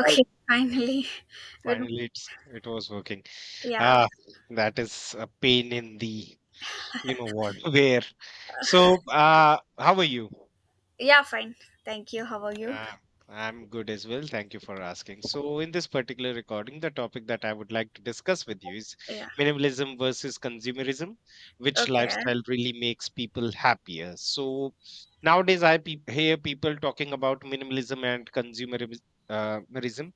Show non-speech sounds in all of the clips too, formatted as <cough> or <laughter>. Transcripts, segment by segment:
Oh, finally. <laughs> Good. finally, it was working. Yeah. Ah, that is a pain in the you know what <laughs> where. So, how are you? Yeah, fine. Thank you. How are you? Yeah, I'm good as well. Thank you for asking. So, in this particular recording, the topic that I would like to discuss with you is Yeah. minimalism versus consumerism, which Okay. lifestyle really makes people happier. So, nowadays I hear people talking about minimalism and consumerism. Merism.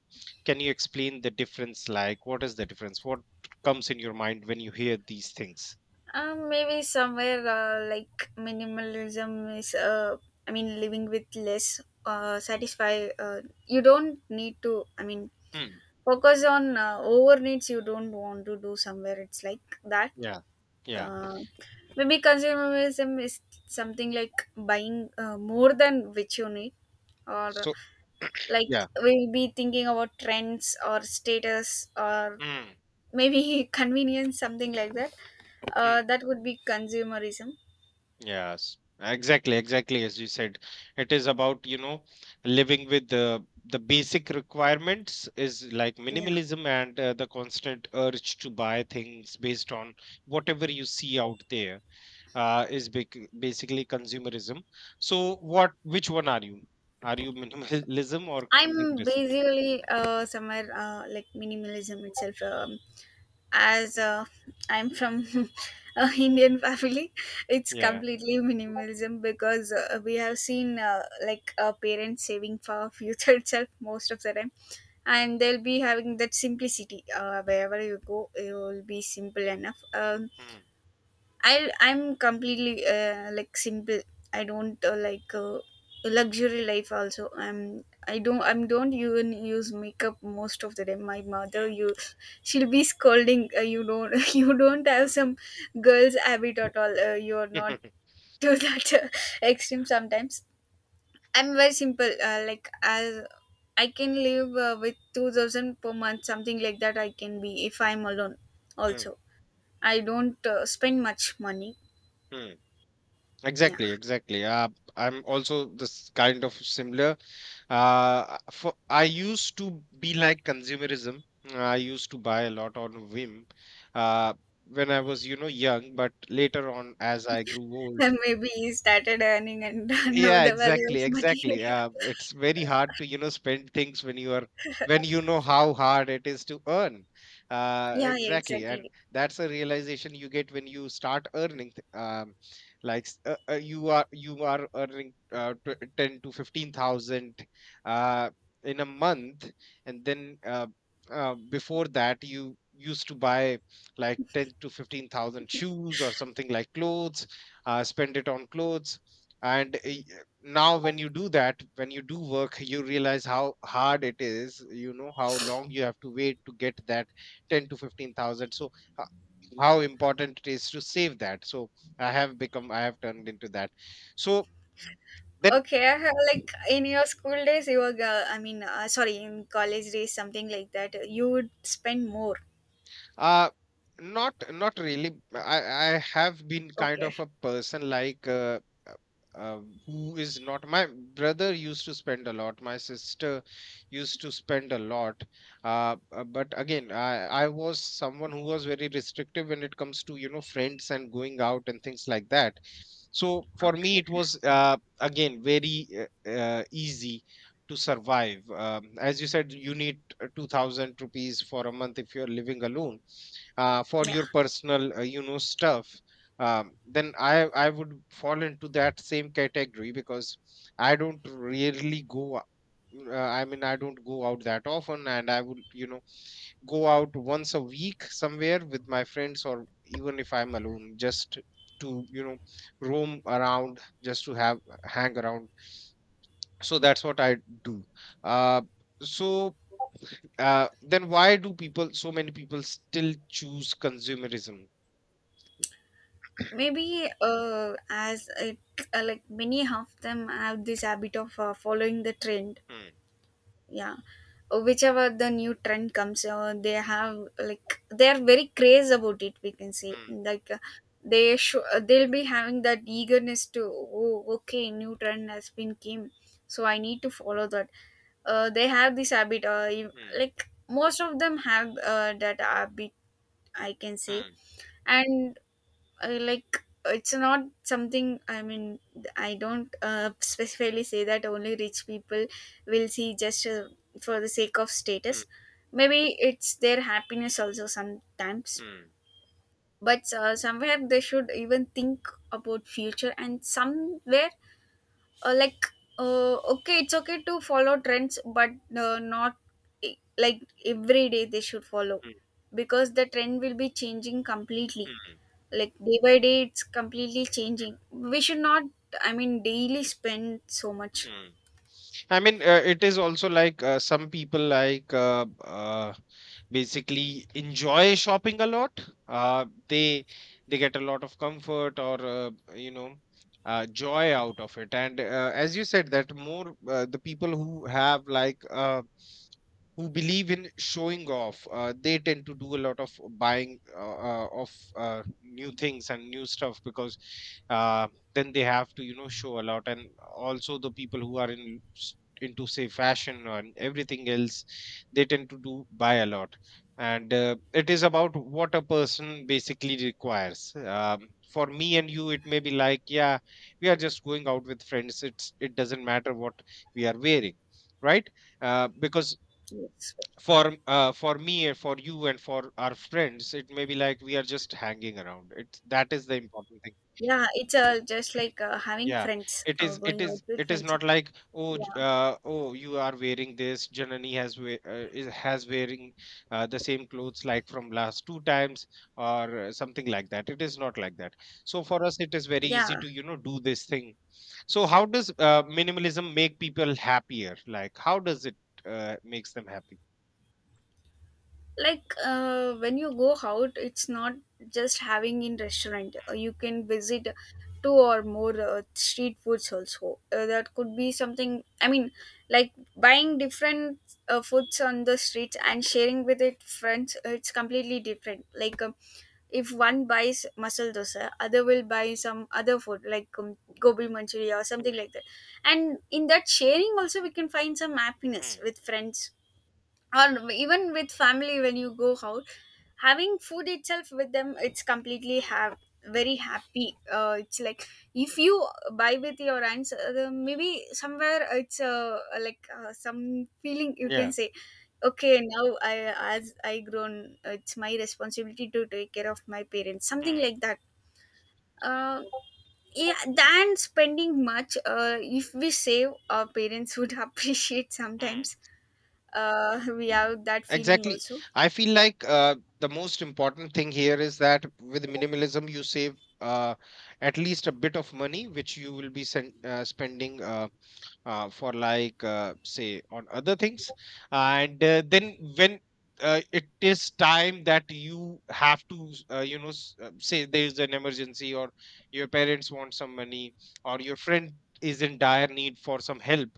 Can you explain the difference? Like, what is the difference? What comes in your mind when you hear these things? Maybe somewhere like minimalism is I mean, living with less satisfy. You don't need to. I mean, Hmm. focus on over needs. You don't want to do somewhere. It's like that. Yeah, yeah. Uh, Maybe consumerism is something like buying more than which you need, or So, like yeah. we'll be thinking about trends or status or maybe <laughs> convenience something like that Mm. that would be consumerism. Yes, exactly, exactly. As you said, it is about, living with the basic requirements is like Yeah, minimalism, and the constant urge to buy things based on whatever you see out there is bec basically consumerism. So which one are you? Are you minimalism or I'm consumerism? basically somewhere like minimalism itself. As Mm. I'm from <laughs> a Indian family, it's Yeah. completely minimalism because we have seen like parents saving for future <laughs> itself most of the time, and they'll be having that simplicity. Wherever you go, it will be simple enough. Mm, I'm completely like simple. I don't like luxury life. Also, I don't even use makeup most of the time. My mother, you, she'll be scolding. You don't <laughs> you don't have some mm, girls habit at all. You are not mm. <laughs> <laughs> to that extreme sometimes. I'm very simple. Like as I can live with 2,000 per month, something like that. I can be if I'm alone. Mm, Also, I don't spend much money. mm. Yeah. Exactly, exactly. I'm also this kind of similar. For I used to be like consumerism. I used to buy a lot on whim, uh, when I was, young. But later on, as I grew <laughs> old, And maybe he started earning and <laughs> know yeah, the value of exactly, money. exactly. It's <laughs> very hard to, spend things when you know how hard it is to earn. Yeah, yeah, Exactly, and exactly. that's a realization you get when you start earning. Like you are earning ten to fifteen thousand uh, in a month, and then before that you used to buy like ten to fifteen thousand shoes or something like clothes, spend it on clothes. And now when you do that when you do work, you realize how hard it is, how long you have to wait to get that 10 to 15,000. So, h- how important it is to save that. So I have turned into that. So then Okay, I have, like in your school days, you were, I mean, sorry, in college days, something like that, you would spend more. Uh, not not really. I have been kind Okay, of a person like uh, who is not. My brother used to spend a lot. My sister used to spend a lot. But again, I was someone who was very restrictive when it comes to friends and going out and things like that. So for okay, me, it was again very easy to survive. As you said, you need 2,000 rupees for a month if you're living alone, for yeah. your personal stuff. Then I would fall into that same category because I don't really go I mean, I don't go out that often, and I would, go out once a week somewhere with my friends, or even if I'm alone just to roam around, just to have hang around. So that's what I do. uh, so, then why do people so many people still choose consumerism? Maybe like many of them have this habit of following the trend. Hmm. Yeah. Whichever the new trend comes they have, like they are very crazed about it, we can say Mm, like they'll be having that eagerness to, oh okay, new trend has been came, so I need to follow that. They have this habit, mm, like most of them have that habit, I can say. mm, And I, like, it's not something, I mean, I don't specifically say that only rich people will see just for the sake of mm, status. Maybe it's their happiness also sometimes. mm, But somewhere they should even think about future, and somewhere like okay, it's okay to follow trends, but not like every day they should follow, mm, because the trend will be changing completely, mm, like day by day it's completely mm, changing. We should not, I mean, daily spend so much. mm. I mean, it is also like some people like basically enjoy shopping a lot. Uh, they they get a lot of comfort or joy out of it. And as you said, that more the people who have like who believe in showing off they tend to do a lot of buying of new things and new stuff, because uh, then they have to, show a lot. And also, the people who are in into, say, fashion and everything else, they tend to do buy a lot. And it is about what a person basically requires. For me and you, it may be like, yeah, we are just going out with friends. It doesn't matter what we are wearing, right? Because Yes. For me and for you and for our friends, it may be like we are just hanging around, it that is the important thing. Yeah, it's just like having Yeah, friends, it is it going out is with it is friends. not like, oh, Yeah, oh, you are wearing this, Janani has is has wearing the same clothes like from last two times, or something like that. It is not like that. So for us it is very easy yeah, to, do this thing. So how does minimalism make people happier? Like, how does it makes them happy? like when you go out, it's not just having in restaurant. You can visit two or more street foods also, that could be something, I mean, like buying different foods on the streets and sharing with it friends. It's completely different. Like if one buys masala dosa, other will buy some other food, like gobi manchuri or Mm, something like that, and in that sharing also we can find some happiness mm, with friends, or even with family when you go out, having food itself with them. It's completely mm. have very happy. It's like if you buy with your aunts, maybe somewhere it's like some feeling, you can Yeah. say, okay, now I, as I grown, it's my responsibility to take care of my parents, something Hmm. like that. uh, yeah, than spending much, if we save, our parents would <laughs> appreciate Mm. sometimes. We have that feeling Exactly. also. I feel like the most important thing here is that with minimalism, you save at least a bit of money, which you will be spending for, like, say, on other things. And then when it is time that you have to say there is an emergency, or your parents want some money, or your friend is in dire need for some help,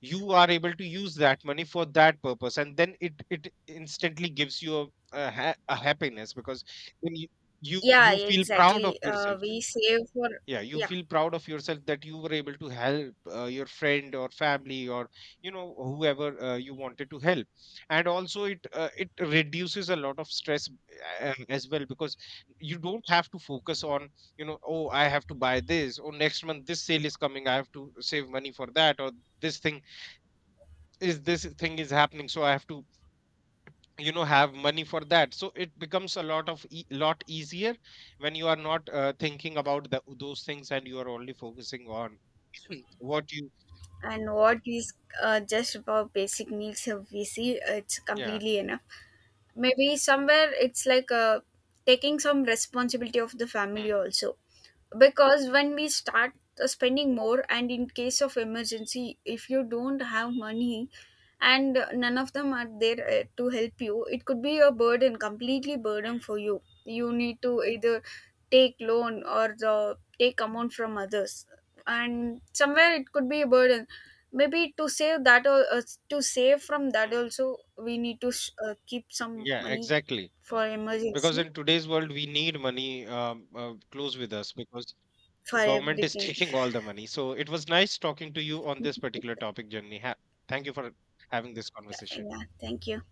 you are able to use that money for that purpose. And then it instantly gives you a happiness, because then you, you Yeah, you feel proud of exactly. Yourself. We save for, Yeah, you yeah, feel proud of yourself, that you were able to help your friend or family, or whoever you wanted to help. And also it reduces a lot of stress as well, because you don't have to focus on, oh, I have to buy this, or next month this sale is coming, I have to save money for that, or this thing this thing is happening, so I have to, have money for that. So it becomes a lot of lot easier, when you are not thinking about those things, and you are only focusing on what you. and what is just about basic needs we see, it's Yeah. completely enough. Maybe somewhere it's like taking some responsibility of the Mm, family mm, also, because when we start spending more, and in case of emergency, if you don't have money and none of them are there to help you, it could be a burden, completely burden for you. You need to either take loan or the take amount from others, and somewhere it could be a burden. Maybe to save that, to save from that mm. also, we need to keep some Yeah, money exactly, for because emergency, in today's world we need money close with us, because for the government is <laughs> everything. taking all the money. So it was nice talking to you on this particular topic, Journey, thank you for having this conversation. Yeah, thank you.